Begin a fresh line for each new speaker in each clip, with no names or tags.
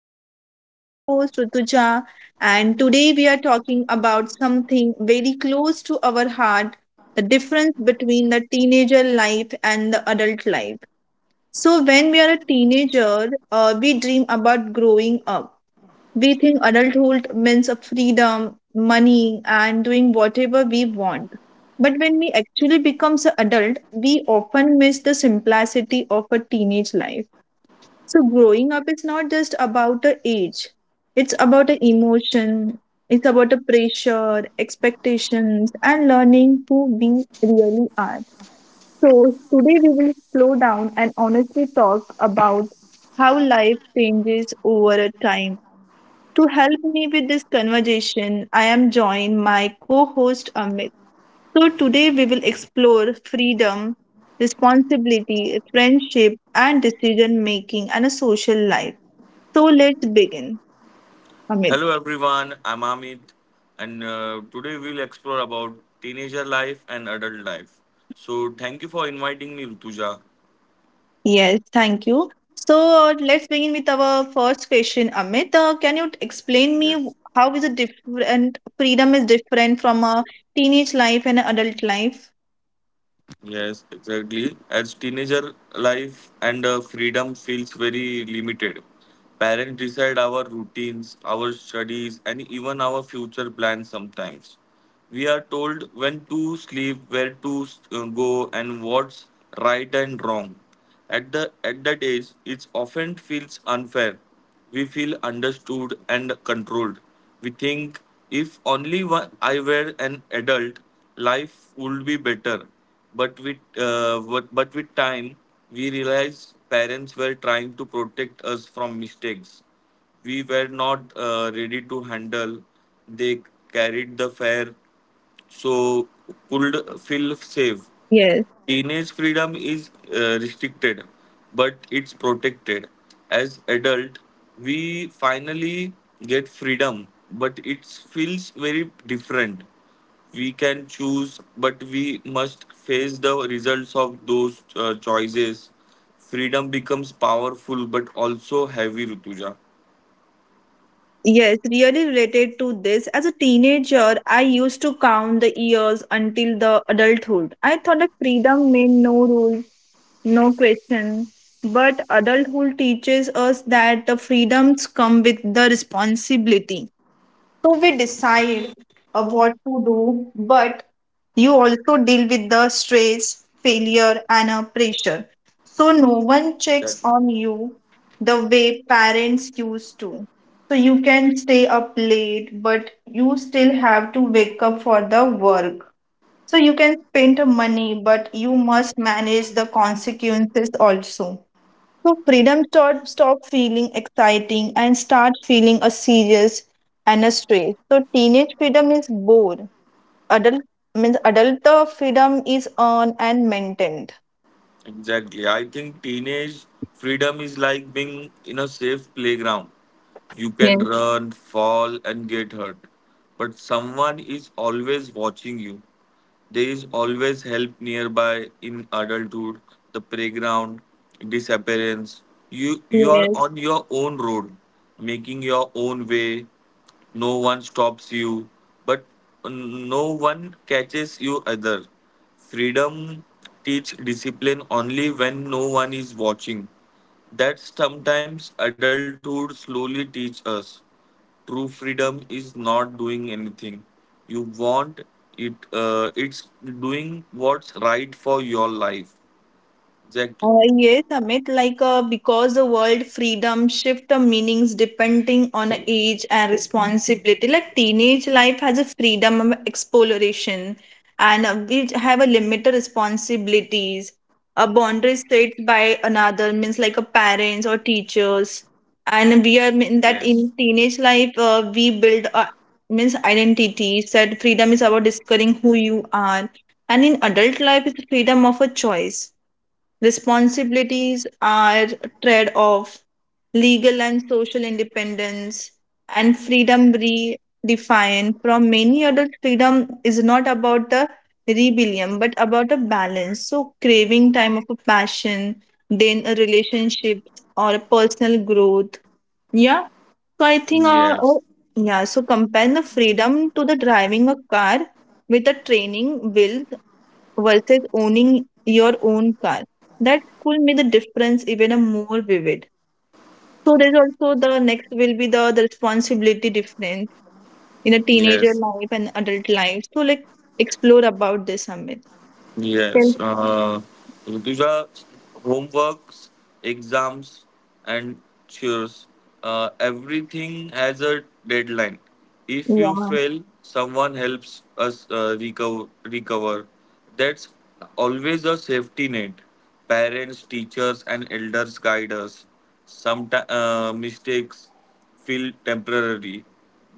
So, I am your host, Rutuja, and today we are talking about something very close to our heart, the difference between the teenager life and the adult life. So, when we are a teenager, we dream about growing up. We think adulthood means a freedom, money, and doing whatever we want. But when we actually becomes an adult, we often miss the simplicity of a teenage life, so growing up is not just about the age. It's about the emotion. It's about the pressure, expectations, and learning who we really are. So today we will slow down and honestly talk about how life changes over a time. To help me with this conversation, I am joined my co-host Amit. So today we will explore freedom, responsibility, friendship, and decision making and a social life. So let's begin, Amit.
hello everyone, I'm Amit and today we'll explore about teenager life and adult life. So thank you for inviting me, Rutuja.
Yes, thank you. So let's begin with our first question, Amit. Can you explain me how is a different freedom is different from a teenage life and adult life?
Yes, exactly. As teenager life and freedom feels very limited. Parents decide our routines, our studies and even our future plans sometimes. We are told when to sleep, where to go and what's right and wrong. At that age, it often feels unfair. We feel understood and controlled. We think if only one, I were an adult, life would be better. But but with time, we realize parents were trying to protect us from mistakes we were not ready to handle. They carried the fear, so could feel safe.
Yes,
Teenage freedom is restricted, but it's protected. As adult, we finally get freedom, but it feels very different. We can choose, but we must face the results of those choices. Freedom becomes powerful, but also heavy, Rutuja.
yes, really related to this. As a teenager, I used to count the years until the adulthood. I thought that freedom meant no rule, no question. But adulthood teaches us that the freedoms come with the responsibility. So we decide what to do, but you also deal with the stress, failure, and pressure. So no one checks
Exactly.
on you the way parents used to. So you can stay up late, but you still have to wake up for the work. So you can spend money, but you must manage the consequences also. So freedom stop feeling exciting and start feeling a serious and a stress. So teenage freedom is bored. Adult adult freedom is earned and maintained.
Exactly. I think teenage freedom is like being in a safe playground. You can
Yes.
run, fall, and get hurt. But someone is always watching you. There is always help nearby. In adulthood, the playground, disappearance. You are
Yes.
on your own road, making your own way. No one stops you, but no one catches you either. Freedom teach discipline only when no one is watching. That sometimes adulthood slowly teach us. True freedom is not doing anything you want. It's doing what's right for your life. Exactly.
Yes, Amit, like because the word freedom shift the meanings depending on the age and responsibility. Like teenage life has a freedom of exploration and we have a limited responsibilities. A boundary set by another means like a parents or teachers. And we are in that
Yes.
in teenage life, we build means identity. Said freedom is about discovering who you are. And in adult life, it's freedom of a choice. Responsibilities are trade off, legal and social independence, and freedom redefined from many adult freedom is not about the rebellion but about a balance. So, craving time of a passion, then a relationship or a personal growth. Yeah, so I think,
Yes.
yeah, so compare the freedom to the driving a car with the training will versus owning your own car. That could make the difference even a more vivid. So there's also the next will be the responsibility difference in a teenager
Yes.
life and adult life. So like explore about this Amit. Yes.
Yes. Uh, Rutuja, homeworks, exams, and chores. Everything has a deadline. If you fail, someone helps us recover. That's always a safety net. Parents, teachers, and elders guide us. Sometimes mistakes feel temporary.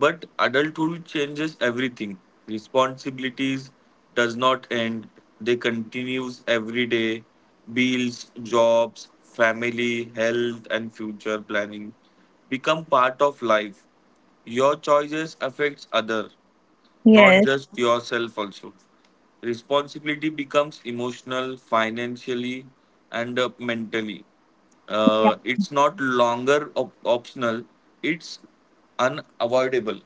But adulthood changes everything. Responsibilities does not end. They continues every day. Bills, jobs, family, health and future planning become part of life. Your choices affects other, not
Yeah.
just yourself also. Responsibility becomes emotional, financially and mentally.
Yes.
It's not longer optional, it's unavoidable.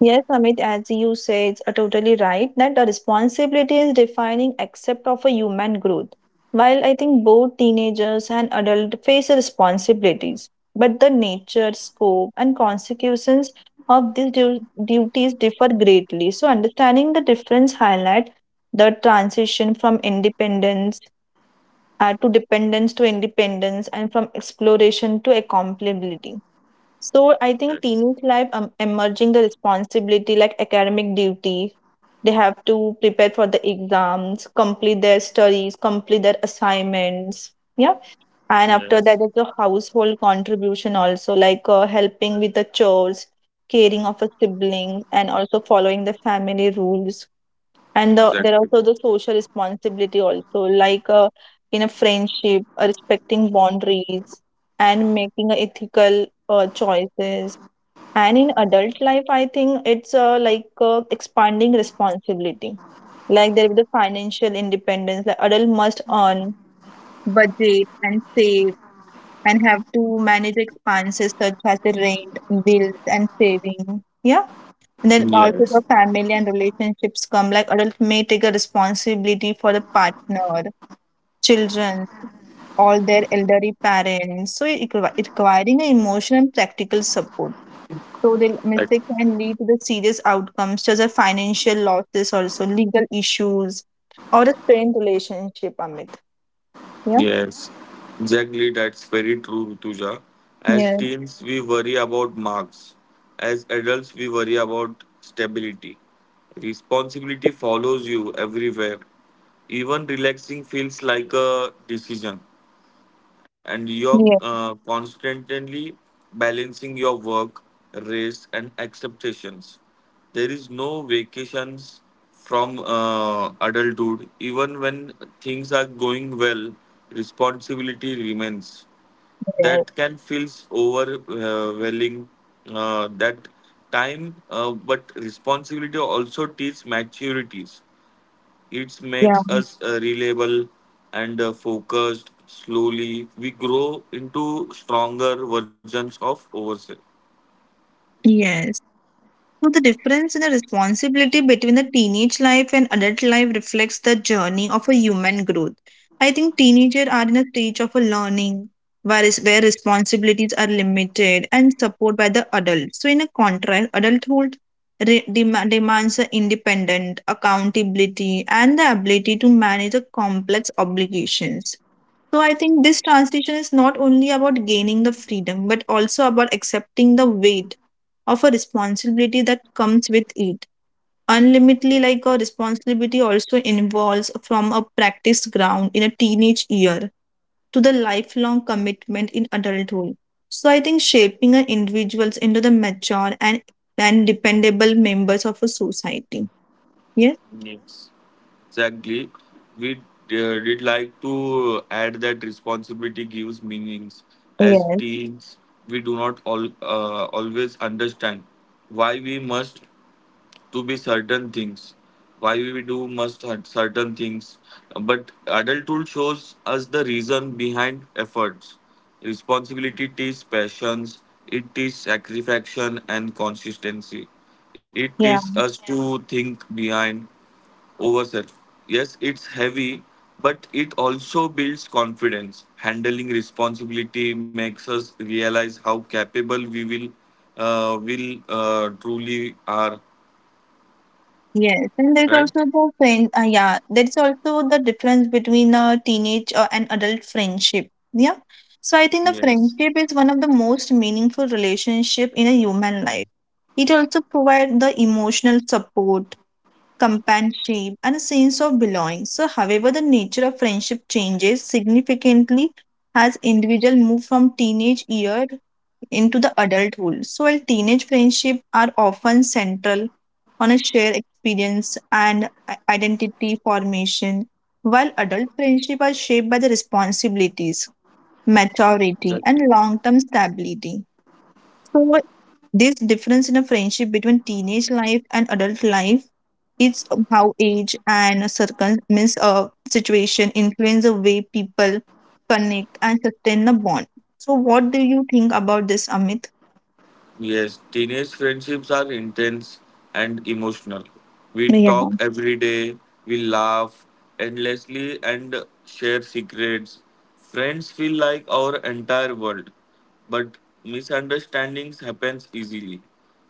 Yes, Amit, as you say, it's totally right that the responsibility is defining except of a human growth. While I think both teenagers and adults face responsibilities, but the nature, scope, and consequences of these duties differ greatly. So, understanding the difference highlight the transition from independence to independence and from exploration to accomplishability. So I think
yes
teenage life emerging the responsibility like academic duty. They have to prepare for the exams, complete their studies, complete their assignments. Yeah. And after that,
yes
there's the household contribution also, like helping with the chores, caring of a sibling, and also following the family rules. There are
exactly
also the social responsibility also, like in a friendship, respecting boundaries and making ethical choices. And in adult life, I think it's expanding responsibility. Like there be the financial independence. Like adult must earn, budget, and save, and have to manage expenses such as the rent, bills, and saving. Yeah. And then also
yes
the family and relationships come like adult may take a responsibility for the partner, children, all their elderly parents. So it it requiring an emotional and practical support. So the mistake can lead to the serious outcomes such as financial losses, also legal issues, or a strained relationship, Amit. Yeah.
Yes, exactly. That's very true, Rutuja. As
Yes.
teens, we worry about marks. As adults, we worry about stability. Responsibility follows you everywhere. Even relaxing feels like a decision and you're
Yes.
constantly balancing your work, race, and expectations. There is no vacations from adulthood. Even when things are going well, responsibility remains. That can feel overwhelming. Uh, that but responsibility also teaches maturities. It
Yeah.
makes us reliable and focused. Slowly, we grow into stronger versions of ourselves.
Yes. So the difference in the responsibility between the teenage life and adult life reflects the journey of a human growth. I think teenagers are in a stage of a learning where responsibilities are limited and support by the adults. So in a contrast, adulthood demands a independent accountability and the ability to manage the complex obligations. So I think this transition is not only about gaining the freedom, but also about accepting the weight of a responsibility that comes with it. Unlimitedly, like a responsibility also involves from a practice ground in a teenage year to the lifelong commitment in adulthood. So I think shaping an individuals into the mature and dependable members of a society. Yeah.
Yes. Exactly. We did like to add that responsibility gives meanings. As
Yes,
teens, we do not always understand why we must to be certain things, why we do must have certain things, but adulthood shows us the reason behind efforts. Responsibility teaches passions, it teaches satisfaction and consistency, it
yeah.
teaches us to think behind ourselves. Yes, it's heavy, but it also builds confidence. Handling responsibility makes us realize how capable we will truly are.
Yes, and there's
Right.
also the friend. Yeah, there's also the difference between a teenage and adult friendship. Yeah, so I think the
Yes,
friendship is one of the most meaningful relationship in a human life. It also provides the emotional support, companionship, and a sense of belonging. So, however, the nature of friendship changes significantly as individual move from teenage year into the adulthood. So while teenage friendships are often central on a shared experience and identity formation, while adult friendships are shaped by the responsibilities, maturity, and
exactly.
long-term stability. So this difference in a friendship between teenage life and adult life is how age and circum means situation influence the way people connect and sustain the bond. So what do you think about this, Amit?
Yes, teenage friendships are intense and emotional. We talk every day, we laugh endlessly, and share secrets. Friends feel like our entire world, but misunderstandings happens easily.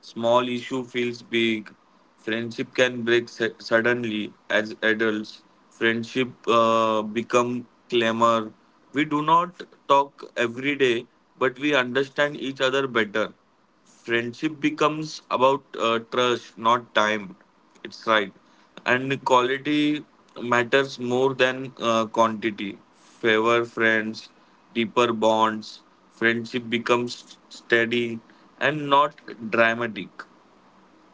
Small issue feels big. Friendship can break suddenly. As adults, friendship become clamor. We do not talk every day, but we understand each other better. Friendship becomes about trust, not time. It's right, and quality matters more than quantity. Favor friends, deeper bonds. Friendship becomes steady and not dramatic.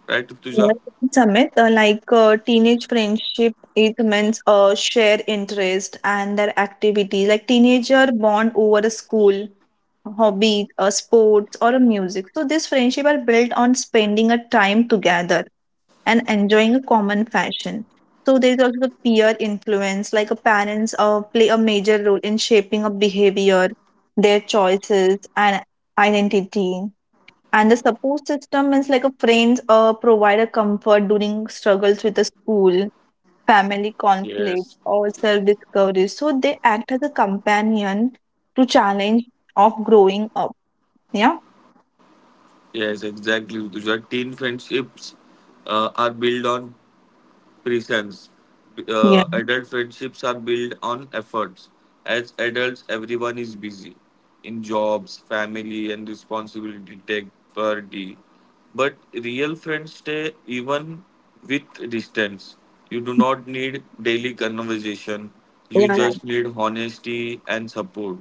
Right, Tuja?
Samit, teenage friendship, it means share interest and their activities. Like teenager bond over a school, hobby, sports, or a music. So this friendship are built on spending a time together and enjoying a common fashion. So there is also the peer influence, like a parents play a major role in shaping a behavior, their choices, and identity. And the support system is like a friends provide a comfort during struggles with the school, family
Yes,
conflict, or self-discovery. So they act as a companion to challenge of growing up. Yeah.
yes, exactly, Utuja. Teen friendships are built on presence.
Yeah,
Adult friendships are built on efforts. As adults, everyone is busy in jobs, family, and responsibility take priority. But real friends stay even with distance. You do not need daily conversation.
yeah,
You
right.
just need honesty and support.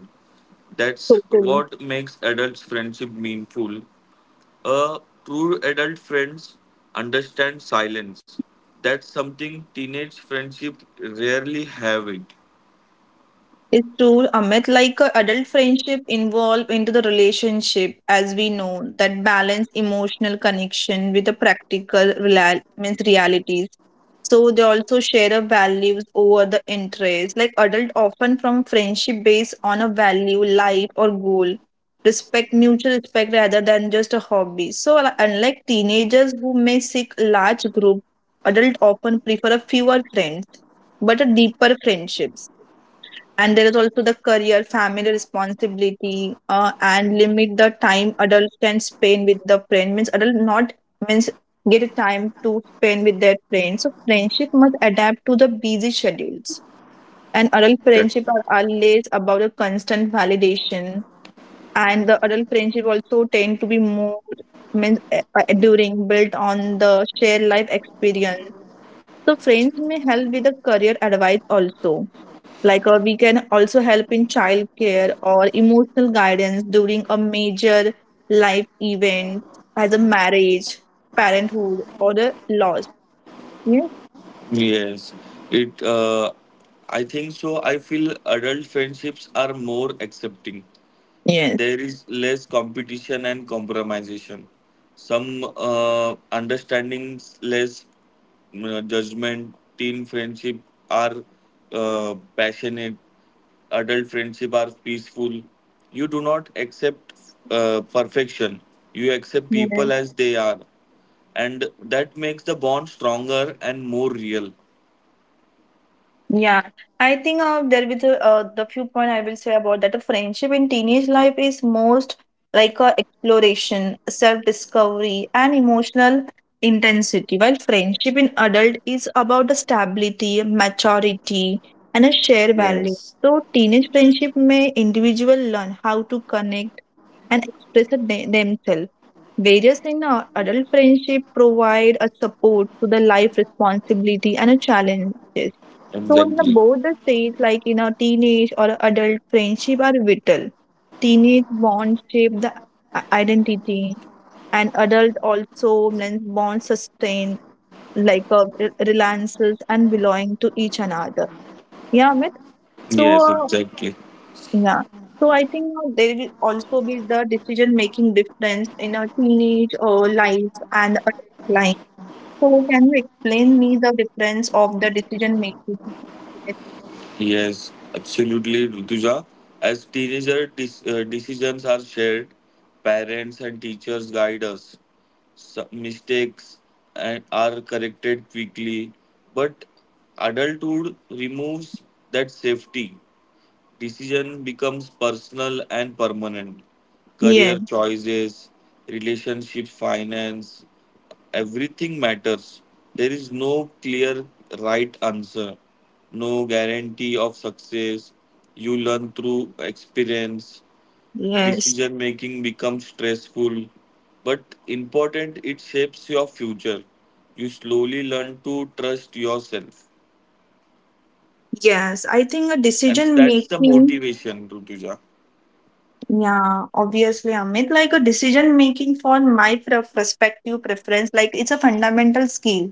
That's
Totally.
what makes adults' friendship meaningful. A true adult friends understand silence. That's something teenage friendship rarely have it.
It's true, Amit. Like adult friendship involve into the relationship, as we know, that balance emotional connection with the practical real means realities. So they also share a values over the interest. Like adult often from friendship based on a value, life or goal. Respect, mutual respect rather than just a hobby. So unlike teenagers who may seek large group, adult often prefer a fewer friends, but a deeper friendships, and there is also the career family responsibility and limit the time adults can spend with the friend means adult not means get a time to spend with their friends, so friendship must adapt to the busy schedules, and adult friendship
That-
are always about a constant validation, and the adult friendship also tend to be more means enduring built on the shared life experience. So friends may help with the career advice also, like we can also help in child care or emotional guidance during a major life event, as a marriage, parenthood or a loss. Yeah.
Yes, it. I think so. I feel adult friendships are more accepting.
Yes.
There is less competition and compromisation, some understandings, less judgment. Teen friendship are passionate, adult friendship are peaceful. You do not accept perfection, you accept people as they are, and that makes the bond stronger and more real.
Yeah, I think there will be the few point I will say about that. A friendship in teenage life is most like a exploration, self-discovery, and emotional intensity, while friendship in adult is about the stability, maturity, and a shared value.
Yes,
So teenage friendship may individual learn how to connect and express themselves. Various in adult friendship provide a support to the life responsibility and a challenge. So, in the
exactly.
both the stage, like in a teenage or adult friendship, are vital. Teenage bonds shape the identity, and adult also blends bonds sustain like reliances and belonging to each another. Yeah, Amit. So,
yes exactly
yeah. So I think there will also be the decision making difference in a teenage life and adult life. So, can you explain me the difference of the decision making?
Yes, absolutely, Rutuja. As teenager, decisions are shared. Parents and teachers guide us. Some mistakes and are corrected quickly, but adulthood removes that safety. Decision becomes personal and permanent. Career
Yes.
choices, relationships, finance, everything matters. There is no clear right answer, no guarantee of success. You learn through experience.
Yes.
Decision making becomes stressful, but important, it shapes your future. You slowly learn to trust yourself,
Yes, I think a
and
decision
that's the
making,
motivation, Rutuja.
yeah, obviously, Amit, like a decision making for my perspective preference, like it's a fundamental skill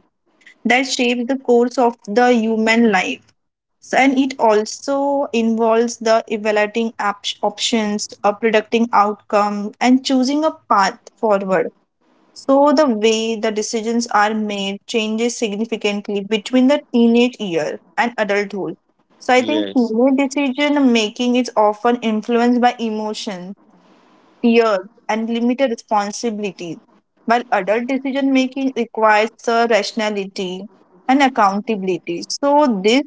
that shapes the course of the human life. So, and it also involves the evaluating options, predicting outcome, and choosing a path forward. So the way the decisions are made changes significantly between the teenage year and adulthood. So I think
Yes.
teenage decision making is often influenced by emotion, fear, and limited responsibility, while adult decision making requires the rationality and accountability. So this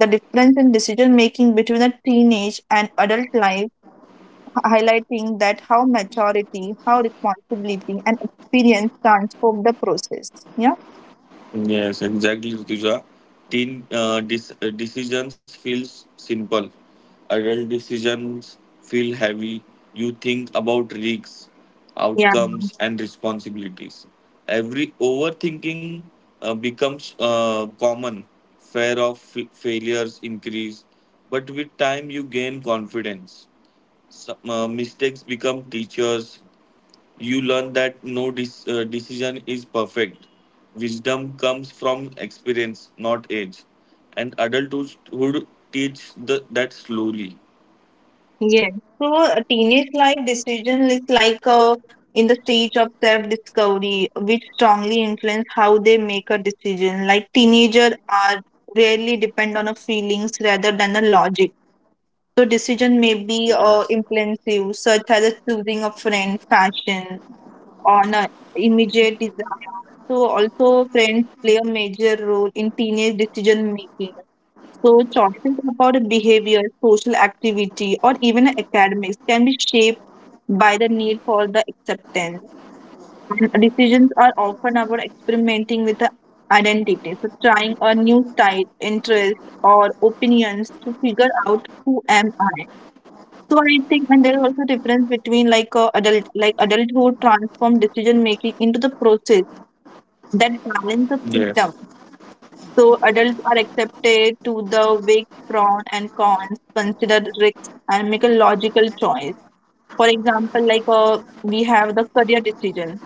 the difference in decision making between the teenage and adult life highlighting that how maturity, how responsibility, and experience transform the process. Yeah.
Yes, exactly, Rutuja. Teen decisions feel simple. Adult decisions feel heavy. You think about risks,
Yeah,
outcomes, and responsibilities. Every overthinking becomes common. Fear of failures increase, but with time you gain confidence. Some mistakes become teachers. You learn that no dis decision is perfect. Wisdom comes from experience, not age. And adulthood teach the, that slowly.
yeah. So a teenage life decision is like a in the stage of self-discovery, which strongly influence how they make a decision. Like teenager are rarely depend on a feelings rather than the logic. So decision may be impulsive, such as a choosing a friend, fashion, honor, immediate desire. So also friends play a major role in teenage decision making. So choices about behavior, social activity, or even academics can be shaped by the need for the acceptance. And decisions are often about experimenting with the identity. So trying a new style, interest, or opinions to figure out who am I. So I think, and there is also difference between like adulthood transform decision making into the process that balance the freedom. So adults are accepted to the weight pros and cons, consider risks, and make a logical choice. For example, like we have the career decision.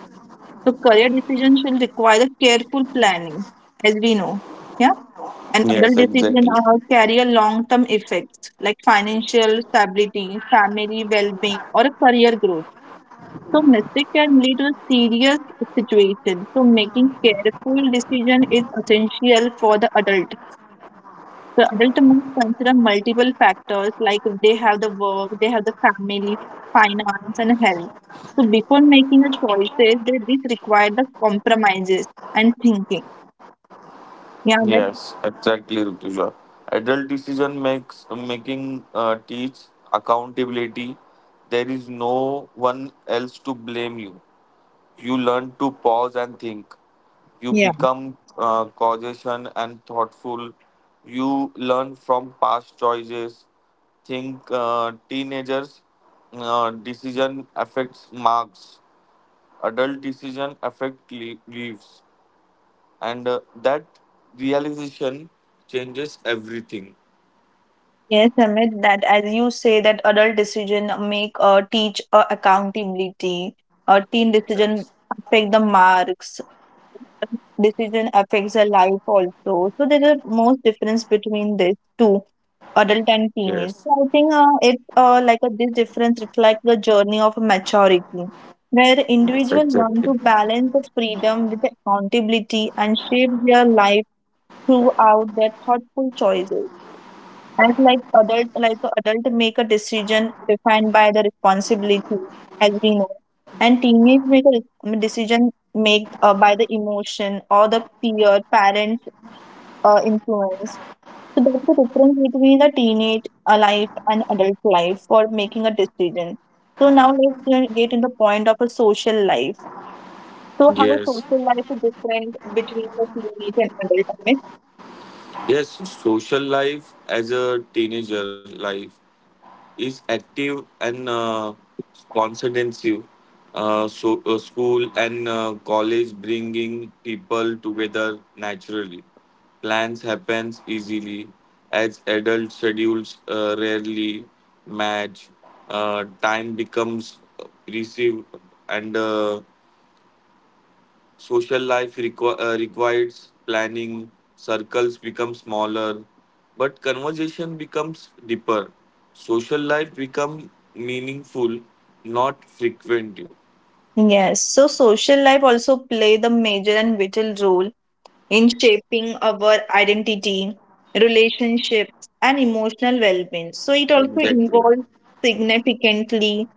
So career decisions will require careful planning, as we know. Yeah. And
Yes,
adult
exactly.
decisions are carry a long-term effects like financial stability, family well-being, or a career growth. So mistake can lead to a serious situation. So making careful decision is essential for the adult. The adult must consider multiple factors like if they have the work, they have the family, finance, and health. So before making a choices, they this require the compromises and thinking. Yeah, Amit?
Yes, exactly, Rutuja. Adult decision makes making teach accountability. There is no one else to blame you. You learn to pause and think. You
Yeah.
become cautious and thoughtful. You learn from past choices. Think teenagers' decision affects marks. Adult decision affect leaves, and that realization changes everything.
Yes, Amit, that as you say that adult decision make teach accountability, teen decision
Yes.
affect the marks, decision affects the life also. So there are most difference between these two. Adult and teenage. So
Yes.
I think it like this difference reflects the journey of maturity, where
Yes.
individuals learn to
Exactly.
balance the freedom with accountability and shape their life throughout their thoughtful choices. And like adult make a decision defined by the responsibility, as we know, and teenage make a decision made by the emotion or the peer parent influence. So that's the difference between a teenage life and adult life for making a decision. So now let's get in the point of a social life. So how
Yes.
social life is different between the teenage and adult life?
Yes. Social life as a teenager life is active and sponsorship. School and college bringing people together naturally. Plans happens easily, as adult schedules rarely match. Time becomes receive, and social life requires planning, circles become smaller, but conversation becomes deeper. Social life become meaningful, not frequent.
Yes. So social life also play the major and vital role in shaping our identity, relationships, and emotional well-being. So it also
Exactly.
involves significantly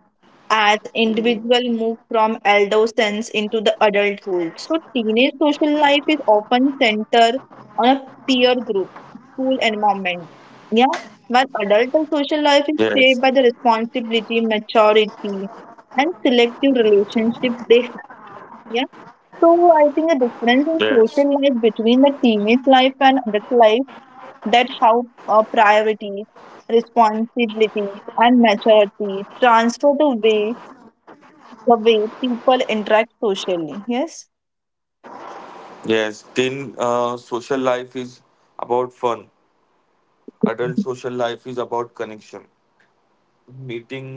as individual move from adolescence into the adulthood. So teenage social life is often centered on a peer group, school environment. Yeah. While adult
Yes,
social life is shaped by the responsibility, maturity, and selective relationship they have. Yeah. So I think the
yes,
difference in social life between the teenage life and adult life, that how priorities, responsibilities, and maturity transfer the way people interact socially. Yes.
yes. Then Social life is about fun. Adult social life is about connection, meeting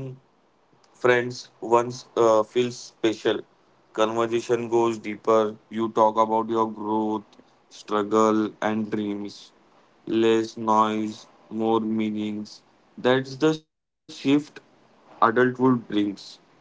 friends once feels special. Conversation goes deeper. You talk about your growth, struggle, and dreams. Less noise, more meanings. That's the shift adulthood brings, Rutuja.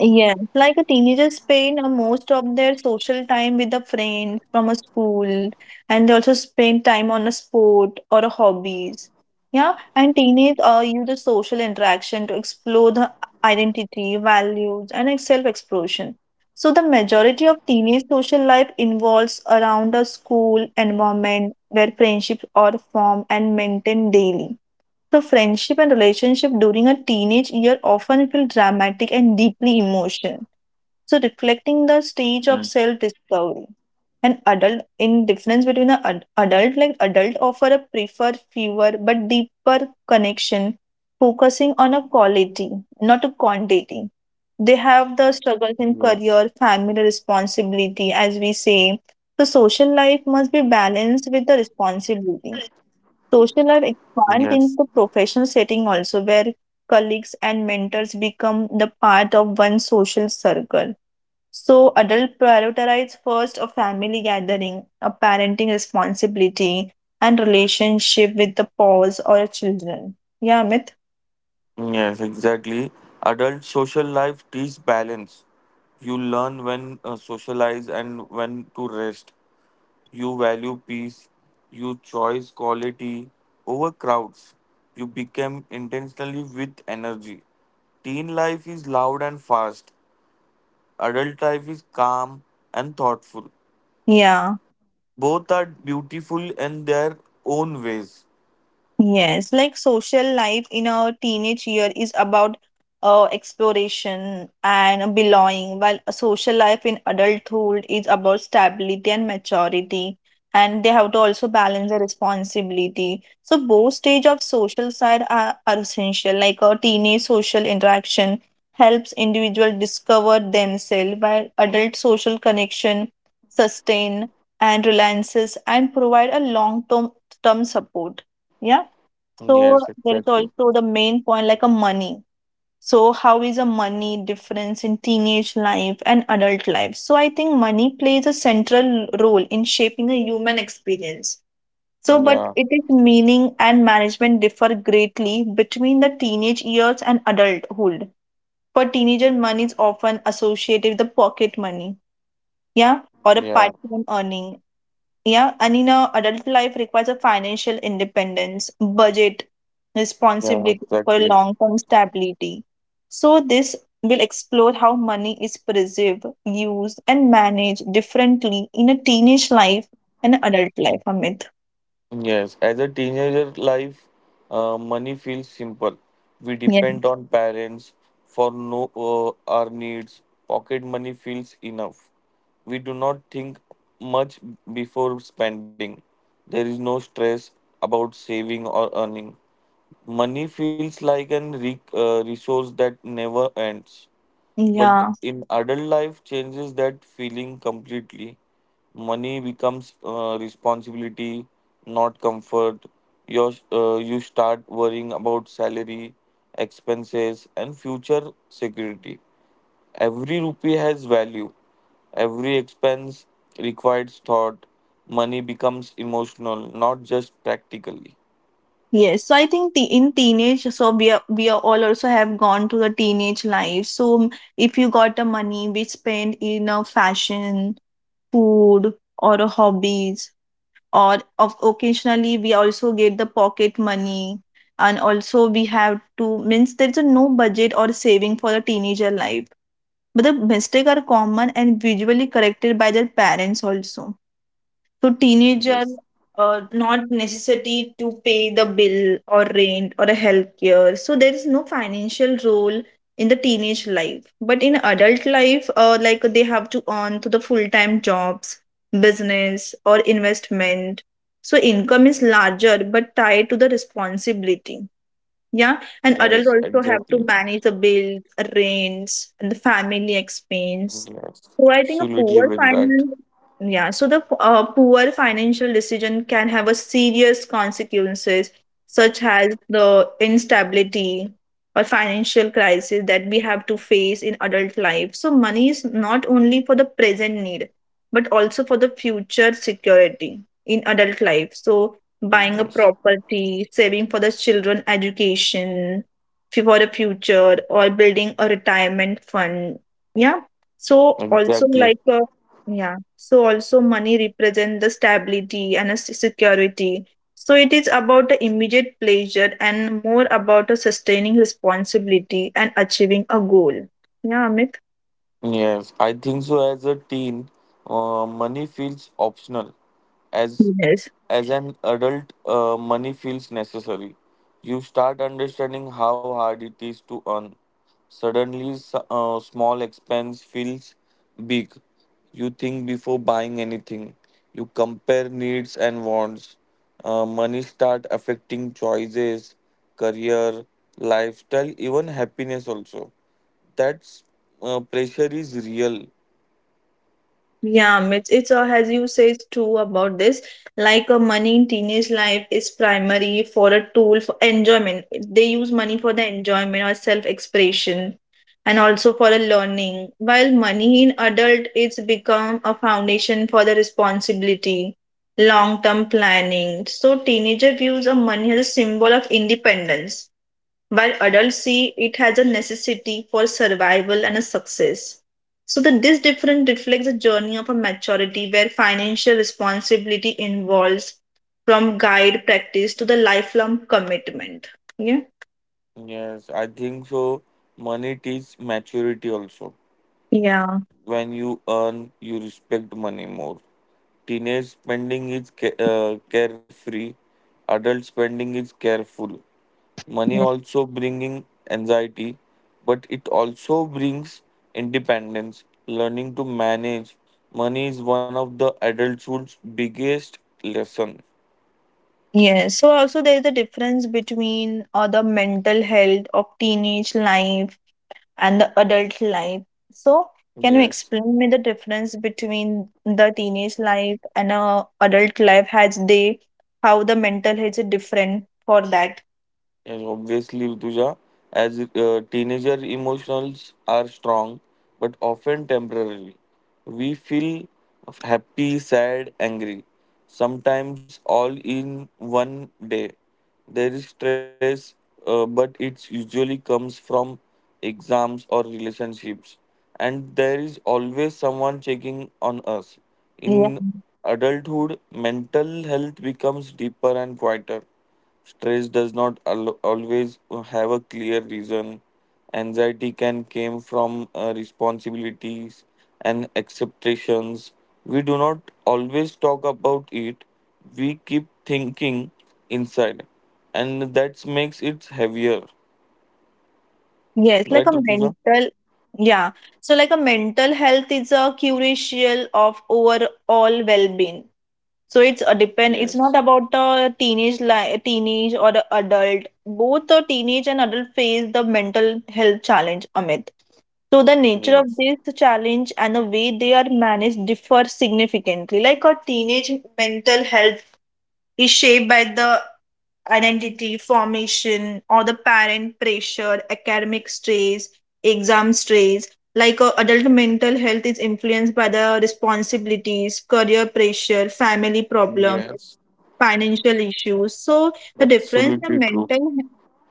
Yes, like a teenager spend most of their social time with a friend from a school, and they also spend time on a sport or a hobbies. Yeah, and teenage use the social interaction to explore the identity, values, and like, self-expression. So the majority of teenage social life involves around a school environment where friendships are formed and maintained daily. So, friendship and relationship during a teenage year often feel dramatic and deeply emotional. So, reflecting the
Yes,
stage of self discovery. An adult, in difference between an adult, like adult offer a prefer fewer but deeper connection, focusing on a quality, not a quantity. They have the struggles in
yes,
career, family responsibility, as we say. The social life must be balanced with the responsibility. Social life expands
yes,
into professional setting also, where colleagues and mentors become the part of one social circle. So adult prioritize first a family gathering, a parenting responsibility, and relationship with the spouse or children. Yeah, Amit.
yes, exactly. Adult social life teaches balance. You learn when socialize and when to rest. You value peace, you choose quality over crowds, you become intentionally with energy. Teen life is loud and fast, adult life is calm and thoughtful.
Yeah.
Both are beautiful in their own ways.
Yes, like social life in a teenage year is about exploration and belonging, while a social life in adulthood is about stability and maturity. And they have to also balance the responsibility. So both stage of social side are essential. Like a teenage social interaction helps individual discover themselves, while adult social connection sustain and reliances and provide a long term support. Yeah. So
Yes,
there is
exactly.
also the main point like a money. So how is a money difference in teenage life and adult life? So I think money plays a central role in shaping a human experience. So but
Yeah,
it is meaning and management differ greatly between the teenage years and adulthood. For teenagers, money is often associated with the pocket money, yeah, or a
yeah,
part-time earning, yeah, and in a adult life requires a financial independence, budget,
yeah,
responsibility for
exactly.
long-term stability. So this will explore how money is preserved, used, and managed differently in a teenage life and adult life, Amit.
Yes, as a teenager life, money feels simple. We
Yeah.
depend on parents for no our needs. Pocket money feels enough. We do not think much before spending. There is no stress about saving or earning. Money feels like an resource that never ends. But
Yeah.
in adult life, changes that feeling completely. Money becomes responsibility, not comfort. You start worrying about salary, expenses, and future security. Every rupee has value. Every expense requires thought. Money becomes emotional, not just practically.
Yes. So I think the in teenage, so we are all also have gone to the teenage life. So if you got the money, we spend in a fashion, food, or a hobbies or of occasionally we also get the pocket money, and also we have to means there's a no budget or saving for the teenager life, but the mistakes are common and visually corrected by their parents also. So
Yes,
teenager not necessity to pay the bill or rent or a healthcare. So there is no financial role in the teenage life. But in adult life, like they have to earn to the full time jobs, business or investment. So income is larger but tied to the responsibility. Yeah, and
yes,
adults also have
exactly.
to manage the bills, rents, and the family expense.
Yes,
So I think a
absolutely
poor
very right.
finance, yeah, so the poor financial decision can have a serious consequences, such as the instability or financial crisis that we have to face in adult life. So money is not only for the present need, but also for the future security in adult life. So buying a
Yes,
property, saving for the children education, for the future, or building a retirement fund. Yeah. So also
exactly.
like a, yeah. So also money represent the stability and a security. So it is about the immediate pleasure and more about a sustaining responsibility and achieving a goal. Yeah, Amit.
Yes, I think so. As a teen, money feels optional. As
Yes.
as an adult, money feels necessary. You start understanding how hard it is to earn. Suddenly, small expense feels big. You think before buying anything. You compare needs and wants. Money start affecting choices, career, lifestyle, even happiness also. That pressure is real.
Yeah, it's as you say it's true about this. Like money in teenage life is primary for a tool for enjoyment. They use money for the enjoyment or self-expression and also for the learning. While money in adult it's become a foundation for the responsibility, long-term planning. So teenager views of money as a symbol of independence while adults see it as a necessity for survival and a success. So that this difference reflects a journey of a maturity where financial responsibility involves from guide practice to the lifelong commitment. Yeah.
Yes, I think so. Money teaches maturity also.
Yeah.
When you earn, you respect money more. Teenage spending is carefree. Adult spending is careful. Money
Yeah.
also bringing anxiety, but it also brings independence. Learning to manage money is one of the adulthood's biggest lesson.
Yes. So also there is a difference between the mental health of teenage life and the adult life. So, can you
Yes.
explain me the difference between the teenage life and a adult life? Has they how the mental health is different for that?
Yes, obviously, Rituja. As teenager, emotions are strong, but often temporary. We feel happy, sad, angry, sometimes all in one day. There is stress, but it usually comes from exams or relationships, and there is always someone checking on us.
Yeah.
In adulthood, mental health becomes deeper and quieter. Stress does not always have a clear reason. Anxiety can come from responsibilities and acceptations. We do not always talk about it. We keep thinking inside, and that makes it heavier.
Yes, like
Right,
a
Rutuja?
mental. Yeah. So, like a mental health is a crucial of overall well-being. So it's a depend. It's not
Yes.
about the teenage teenage or the adult. Both the teenage and adult face the mental health challenge, Amit. So the nature of
Yes.
this challenge and the way they are managed differ significantly. Like a teenage mental health is shaped by the identity formation or the parent pressure, academic stress, exam stress. Like a adult mental health is influenced by the responsibilities, career pressure, family problems,
Yes.
financial issues. So the difference
Absolutely
in
true.
mental,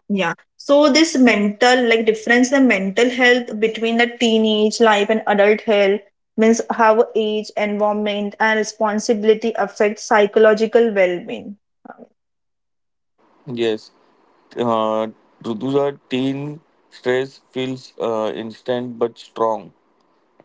yeah. So this mental like difference in mental health between the teenage life and adult health means how age, environment, and responsibility affect psychological well-being.
Yes uh, Rutuja, teen stress feels instant but strong,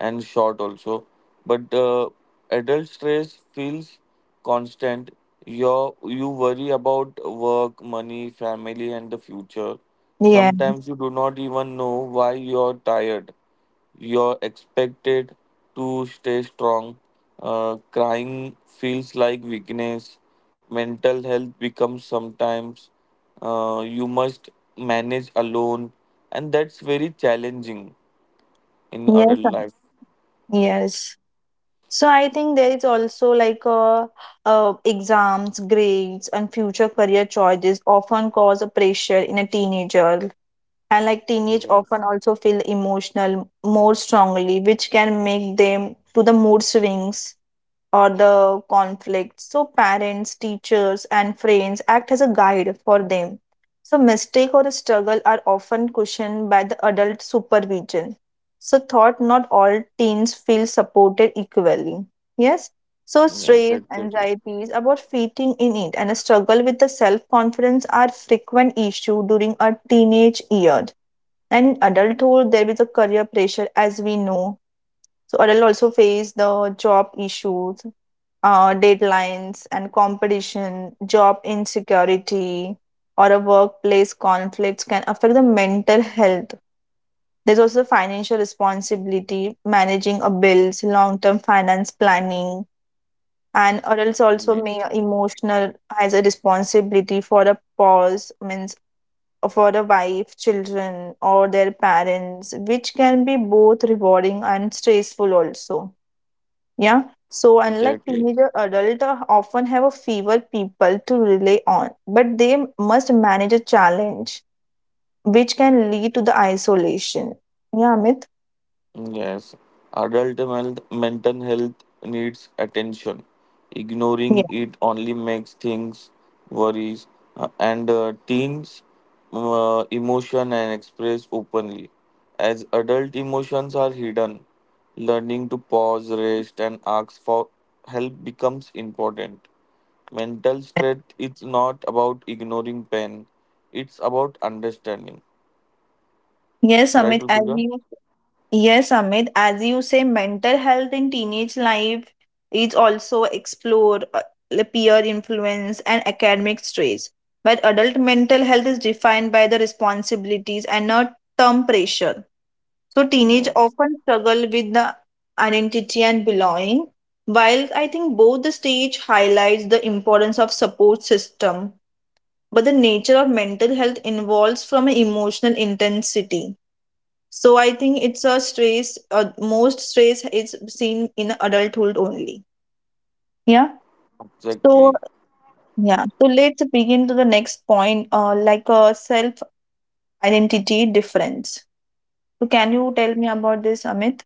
and short also. But adult stress feels constant. You worry about work, money, family, and the future.
Yeah.
Sometimes you do not even know why you're tired. You're expected to stay strong. Crying feels like weakness. Mental health becomes sometimes you must manage alone, and that's very challenging in adult
Yes,
life.
yes. So I think there is also like exams, grades, and future career choices often cause a pressure in a teenager. And like teenage
Yes,
often also feel emotional more strongly, which can make them to the mood swings or the conflicts. So parents, teachers, and friends act as a guide for them. So mistake or struggle are often cushioned by the adult supervision. So thought not all teens feel supported equally. Yes. So
yes,
stress,
exactly.
anxieties about fitting in it, and a struggle with the self-confidence are frequent issue during our teenage years. And in adulthood, there is a career pressure, as we know. So adults also face the job issues, deadlines, and competition, job insecurity, or a workplace conflicts can affect the mental health. There's also financial responsibility, managing a bills, long-term finance planning, and adults also may
Yes,
emotional has a responsibility for a pause, means for the wife, children, or their parents, which can be both rewarding and stressful also. Yeah. So unlike
exactly.
teenager, adult often have a fewer people to rely on, but they must manage a challenge which can lead to the isolation. Yeah, Amit.
Yes, adult mental health needs attention.
Yeah.
Ignoring it only makes things worries, and teens emotion and express openly. As adult emotions are hidden, learning to pause, rest, and ask for help becomes important. Mental strength is not about ignoring pain; it's about understanding.
Yes,
Right,
Amit. As
Rupika?
you Yes, Amit, as you say, mental health in teenage life is also explored, the peer influence and academic stress. But adult mental health is defined by the responsibilities and not term pressure. So teenage
Yes,
often struggle with the identity and belonging, while I think both the stage highlights the importance of support system. But the nature of mental health involves from an emotional intensity, so I think it's a stress, most stress is seen in adulthood only. Yeah. So
exactly.
yeah, so let's begin to the next point, like a self identity difference. So can you tell me about this, Amit?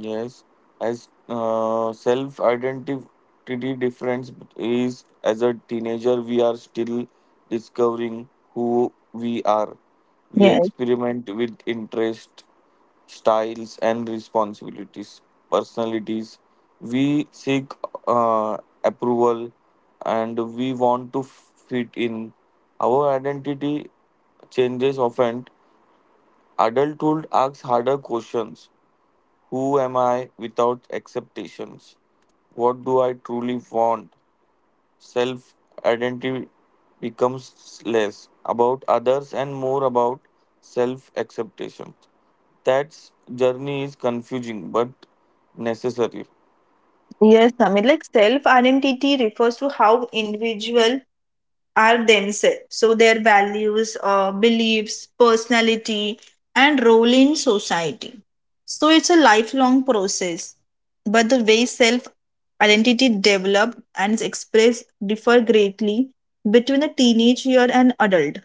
Yes, as self-identity difference is, as a teenager, we are still discovering who we are. We
Yes,
experiment with interest, styles, and responsibilities, personalities. We seek uh, approval, and we want to fit in. Our identity changes often. Adulthood asks harder questions. Who am I without expectations? What do I truly want? Self identity becomes less about others and more about self acceptation. That journey is confusing but necessary.
yes, Amit. Like self identity refers to how individual are themselves. So their values, beliefs, personality, and role in society. So it's a lifelong process, but the way self identity develop and is expressed differ greatly between a teenage year and adulthood.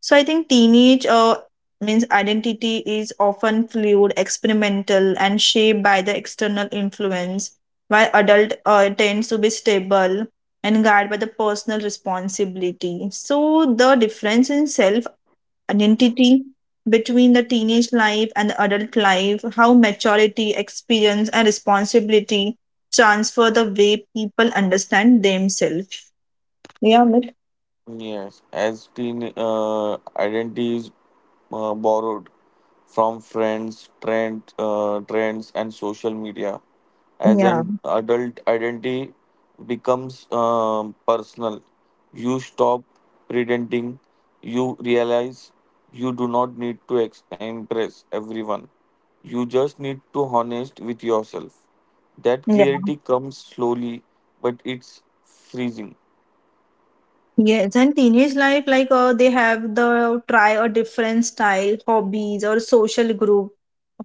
So I think teenage, means identity is often fluid, experimental, and shaped by the external influence, while adult tends to be stable and guided by the personal responsibility. So the difference in self identity between the teenage life and the adult life, how maturity, experience, and responsibility transfer the way people understand themselves. Yeah, Amit?
Yes, as teen identities borrowed from friends, trends, and social media. As
Yeah.
an adult, identity becomes personal. You stop pretending. You realize you do not need to impress everyone. You just need to honest with yourself. That
Yeah.
clarity comes slowly, but it's freezing.
Yes, and teenage life, like they have the try a different style, hobbies, or social group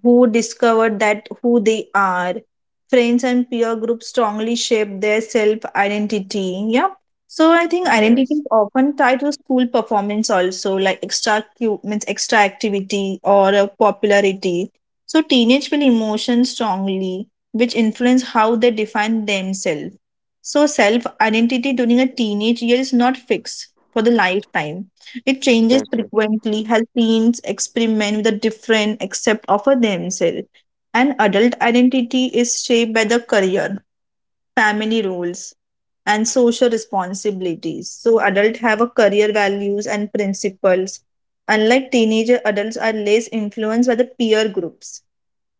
who discovered that who they are. Friends and peer groups strongly shape their self identity. Yeah. So I think identity is
Yes,
often tied to school performance also, like means extra activity or popularity. So teenage feel emotions strongly, which influence how they define themselves. So, self identity during a teenage year is not fixed for the lifetime. It changes
exactly.
frequently as teens experiment with the different accept of themselves. And adult identity is shaped by the career, family roles, and social responsibilities. So, adults have a career values and principles. Unlike teenager, adults are less influenced by the peer groups,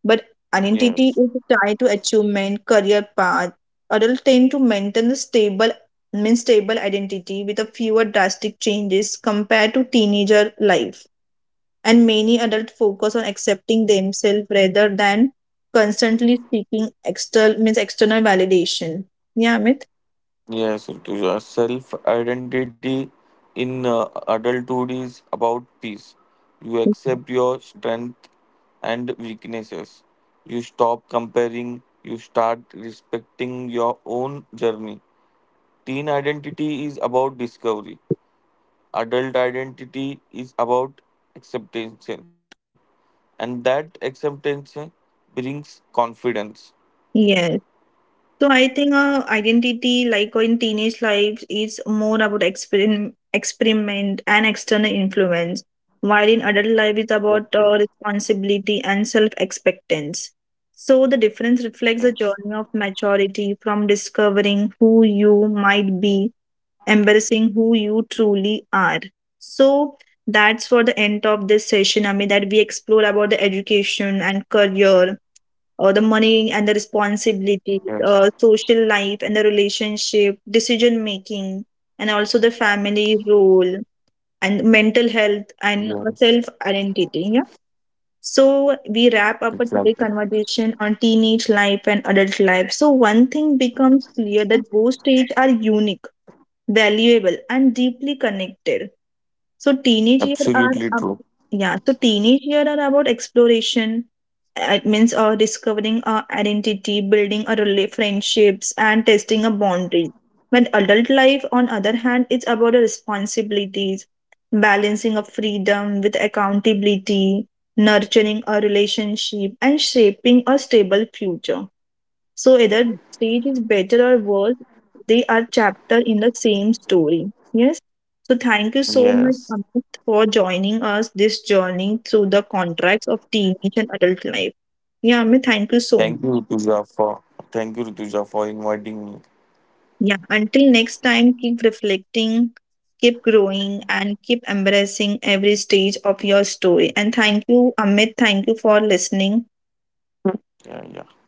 but identity is
Yes,
tied to achievement, career path. Adults tend to maintain a stable means stable identity with a fewer drastic changes compared to teenager life. And many adults focus on accepting themselves rather than constantly seeking external means external validation. Yeah, Amit?
yes, Rituja. Self-identity in adulthood is about peace. You accept your strength and weaknesses. You stop comparing. You start respecting your own journey. Teen identity is about discovery. Adult identity is about acceptance, and that acceptance brings confidence.
Yes. So I think, identity, like in teenage lives, is more about experiment and external influence, while in adult life it's
Yes,
about responsibility and self-expectance. So the difference reflects a
yes,
journey of maturity from discovering who you might be, embracing who you truly are. So that's for the end of this session. I mean that we explore about the education and career, the money and the
yes,
responsibility, social life and the relationship, decision making, and also the family role and mental health and self identity. Yeah. So we
yes,
wrap
yes.
up a today conversation on teenage life and adult life. So one thing becomes clear that both stages are unique, valuable, and deeply connected, so teenage year
Absolutely
are
true.
ab- yeah. So teenage year are about exploration. It means discovering our identity, building our friendships, and testing our boundaries. When adult life, on other hand, it's about our responsibilities, balancing our freedom with accountability, nurturing our relationship, and shaping a stable future. So either stage is better or worse, they are chapter in the same story. Yes. So thank you so much,
Yes.
Amit, for joining us this journey through the contracts of teenage and adult life. Yeah, Amit, thank you so
Thank you,
much.
Rutuja, for Thank you, Rutuja, for inviting me.
Yeah, until next time, keep reflecting, keep growing, and keep embracing every stage of your story. And thank you, Amit. Thank you for listening.
Yeah, yeah.